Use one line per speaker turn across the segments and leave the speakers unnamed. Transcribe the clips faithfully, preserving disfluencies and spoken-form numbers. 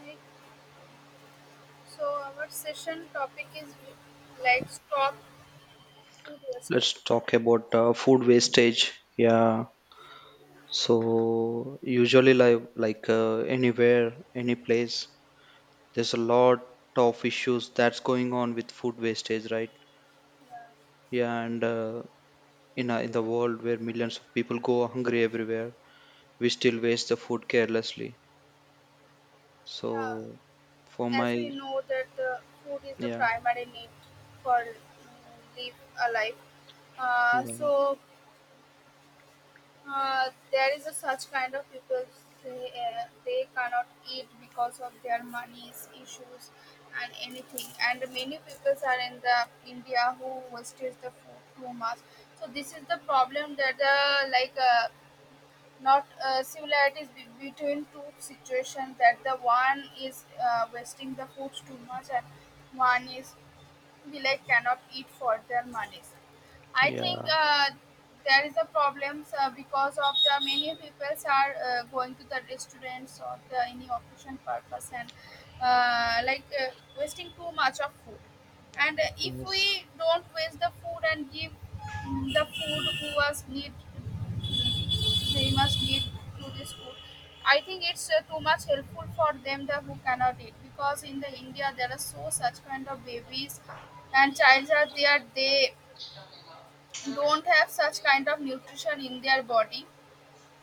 Hi. So our session topic is like stop food wasted.
Let's talk about uh, food wastage. Yeah. So usually like like uh, anywhere, any place, there's a lot of issues that's going on with food wastage, right? Yeah. And uh, in a, in the world where millions of people go hungry everywhere, we still waste the food carelessly.
Yeah,
So for
as
my
we know that the food is the
yeah,
primary need for mm, live a life. Uh,
yeah,
so uh, there is a such kind of people say uh, they cannot eat because of their money's issues and anything. And many people are in the India who wastes the food too much. So this is the problem that the like. Uh, not uh, similarities be- between two situations, that the one is uh, wasting the food too much and one is we like cannot eat for their monies. I think
yeah,
uh, there is a problems uh, because of the many people are uh, going to the restaurants or the any occasion purpose, and uh, like uh, wasting too much of food, and uh, if
yes.
we don't waste the food and give mm, the food who was need, they must need to this food. I think it's uh, too much helpful for them, the who cannot eat, because in the india there are so such kind of babies and childs are there, they don't have such kind of nutrition in their body.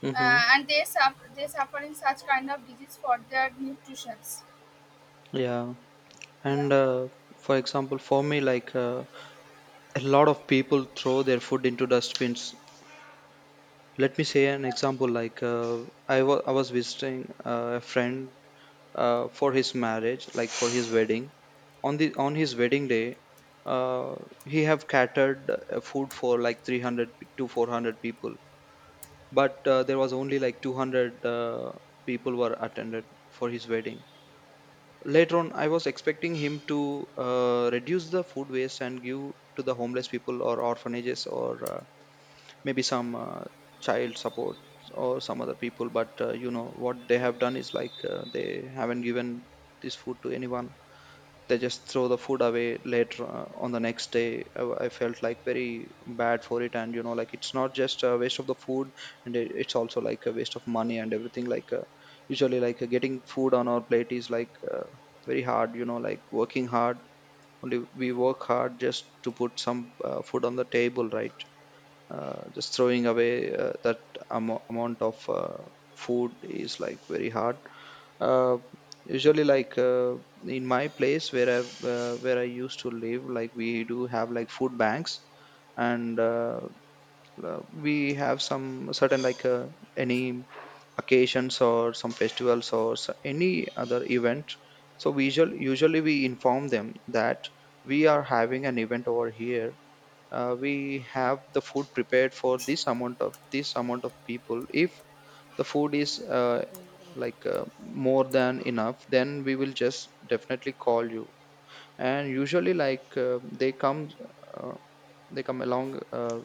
Mm-hmm.
uh, And they suffer they suffering such kind of disease for their nutritions.
Yeah.
Yeah,
And uh, for example, for me, like uh, a lot of people throw their food into dustbins. Let me say an
yeah.
example. Like uh, I wa- I was visiting uh, a friend uh, for his marriage, like for his wedding. On the on his wedding day, uh, he have catered uh, food for like three hundred to four hundred people, but uh, there was only like two hundred uh, people were attended for his wedding. Later on, I was expecting him to uh, reduce the food waste and give to the homeless people or orphanages or uh, maybe some uh, child support or some other people. But uh, you know what they have done is like uh, they haven't given this food to anyone. They just throw the food away. Later uh, on the next day, I, I felt like very bad for it. And you know, like, it's not just a waste of the food, and it, it's also like a waste of money and everything, like uh, usually like uh, getting food on our plate is like uh, very hard, you know, like working hard. Only we work hard just to put some uh, food on the table, right? Uh, just throwing away uh, that amo- amount of uh, food is like very hard. uh, Usually, like uh, in my place where i uh, where i used to live, like, we do have like food banks. And uh, uh, we have some certain, like uh, any occasions or some festivals or s- any other event. So we usually usually we inform them that we are having an event over here. Uh, we have the food prepared for this amount of this amount of people. If the food is uh, like uh, more than enough, then we will just definitely call you. And usually, like uh, they come uh, they come along uh,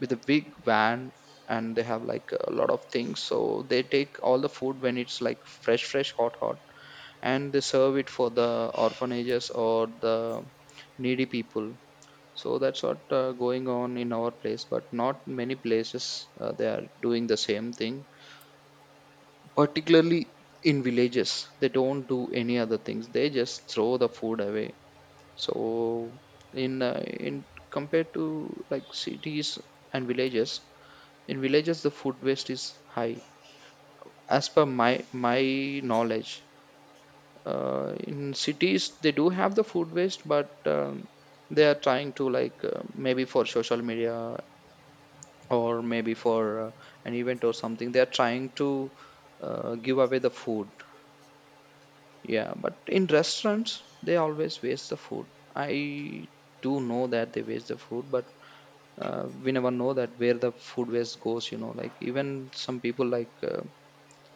with a big van, and they have like a lot of things, so they take all the food when it's like fresh, fresh, hot, hot, and they serve it for the orphanages or the needy people. So that's what uh, going on in our place, but not many places uh, they are doing the same thing. Particularly in villages, they don't do any other things, they just throw the food away. So in uh, in compared to like cities and villages, in villages the food waste is high, as per my my knowledge. Uh, in cities they do have the food waste, but um, they are trying to, like uh, maybe for social media or maybe for uh, an event or something, they are trying to uh, give away the food. Yeah, but in restaurants they always waste the food. I do know that they waste the food, but uh, we never know that where the food waste goes, you know, like, even some people, like uh,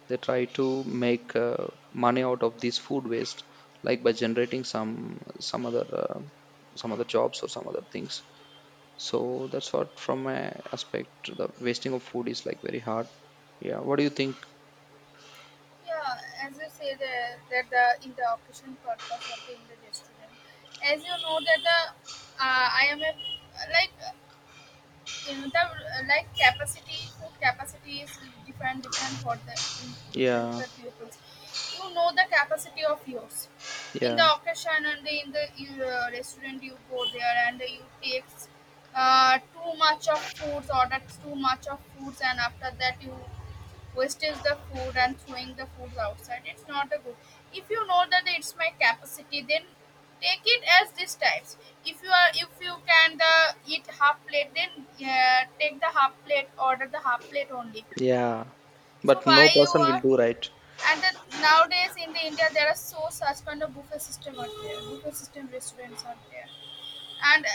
they try to make uh, money out of this food waste, like by generating some some other uh, some other jobs or some other things. So that's what, from my aspect, the wasting of food is like very hard. Yeah, what do you think?
Yeah, as you say that, that, the in the occasion purpose or the in the restaurant, as you know that the uh, I am a like, you know, the like capacity, food capacity is different different for the different
Yeah,
different peoples. You know the capacity of yours in the
yeah,
occasion and in the in the restaurant, you go there and you take uh, too much of foods, order too much of foods, and after that you wastage the food and throwing the foods outside, it's not a good. If you know that it's my capacity, then take it as these types. If you are if you can the eat half plate, then uh, take the half plate, order the half plate only.
yeah.
So
But no
why you
person will
are?
do right.
And then nowadays in the india there are so such kind of buffet system out there buffet system restaurants out there. And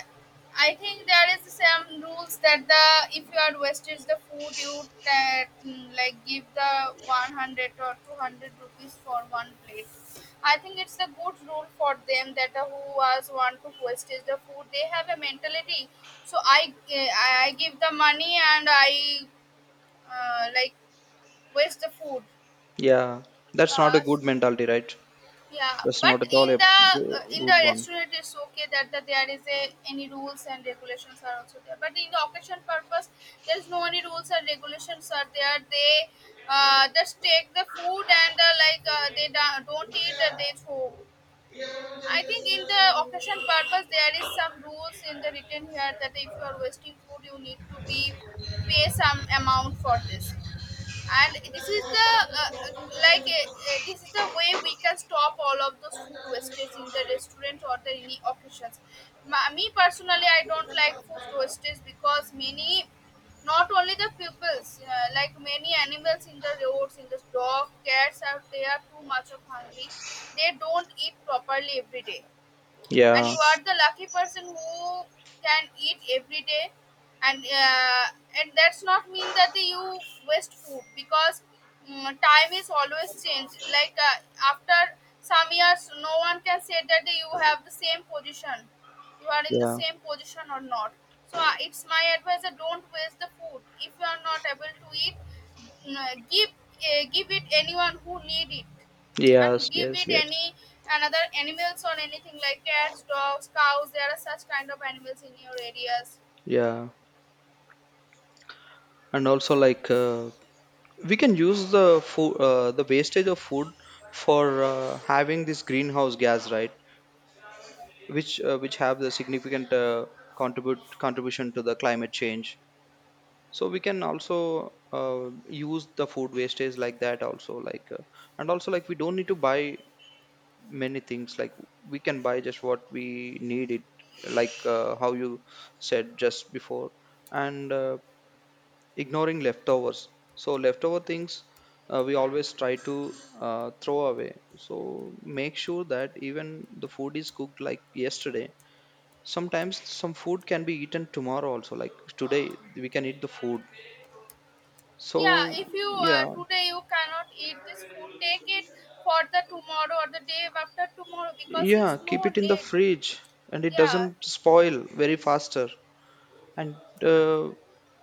I think there is some rules that the if you are wastage the food, you ta- mm, like give the one hundred or two hundred rupees for one plate. I think it's a good rule for them that uh, who was want to wastage the food, they have a mentality. So I gi- I I give the money and I uh, like waste the food.
Yeah, that's not a
Uh,
good mentality, right?
Yeah,
That's
but
not at all a
in the uh,
go-
in the
good one.
restaurant it's okay that, that there is a any rules and regulations are also there. But in the occasion purpose, there is no any rules and regulations are there. They uh, just take the food, and uh, like uh, they da- don't eat that, they throw. I think in the occasion purpose there is some rules in the written here that if you are wasting food you need to be pay some amount for this, and this is the uh, uh, like uh, uh, this is the way we can stop all of those food wastage in the restaurant or the any occasions. Ma- me personally I don't like food wastage because many, not only the pupils, uh, like many animals in the roads in the dog cats are, they are too much of hungry, they don't eat properly every day. And
Yeah,
you are the lucky person who can eat every day, and uh, and that's not mean that you waste food. Because mm, time is always changed, like uh, after some years no one can say that you have the same position you are in the
yeah,
same position or not. So uh, it's my advice that don't waste the food if you are not able to eat. Mm, uh, give uh, give it anyone who need it,
yes,
and give
yes,
it
yes,
any another animals or anything, like cats dogs cows, there are such kind of animals in your areas.
yeah. And also, like, uh, we can use the food, uh, the wastage of food for uh, having this greenhouse gas, right? which uh, which have the significant uh, contribute contribution to the climate change. So we can also uh, use the food wastage like that also, like uh, and also like we don't need to buy many things, like we can buy just what we need it, like uh, how you said just before. And uh, ignoring leftovers. So leftover things, uh, we always try to uh, throw away. So make sure that even the food is cooked like yesterday, sometimes some food can be eaten tomorrow also, like today we can eat the food.
Yeah,
So
if you
yeah.
uh, today you cannot eat this food, take it for the tomorrow or the day after tomorrow because
Yeah,
it's
keep
no
it in the
need.
fridge, and it
Yeah.
doesn't spoil very faster. And uh,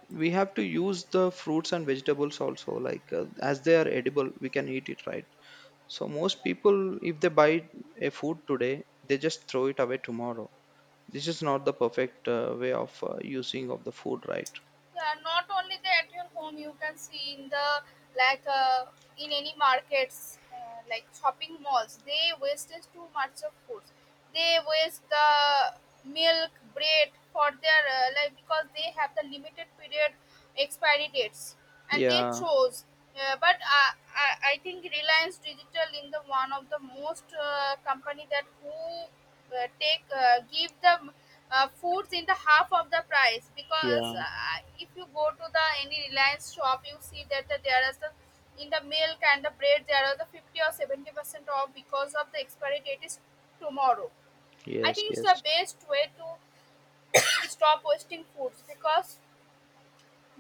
we have to use the fruits and vegetables also, like uh, as they are edible we can eat it, right? So most people, if they buy a food today, they just throw it away tomorrow. This is not the perfect uh, way of uh, using of the food, right?
Yeah, not only the at your home, you can see in the like uh, in any markets, uh, like shopping malls, they waste too much of foods. They waste the milk, bread for their uh, like because they have the limited period expiry dates, and they
Yeah,
chose. Uh, but I, I i think reliance digital in the one of the most uh, company that who uh, take uh, give the uh, foods in the half of the price, because
yeah,
uh, if you go to the any reliance shop you see that the, there is the, in the milk and the bread there are the fifty or seventy percent off because of the expiry date is tomorrow. I
yes,
think it's the
yes,
best way to stop wasting foods, because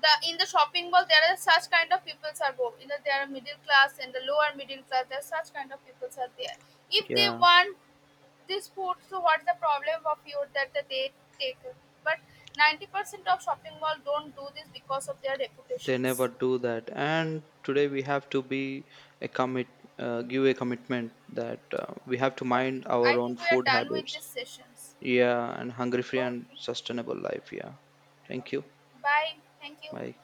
the in the shopping mall there are such kind of people are both, you know there are middle class and the lower middle class, there are such kind of people are there. If they
yeah,
want this food, so what's the problem of you that the- they take it? But ninety percent of shopping mall don't do this because of their
they
reputations.
never do that. And today we have to be a commit uh, give a commitment that uh, we have to
Okay,
mind our
I
own
think we are
food
done with these
habits.
sessions.
Yeah, and hungry free and
Okay,
sustainable life. Yeah. Thank you.
bye, thank you.
Bye.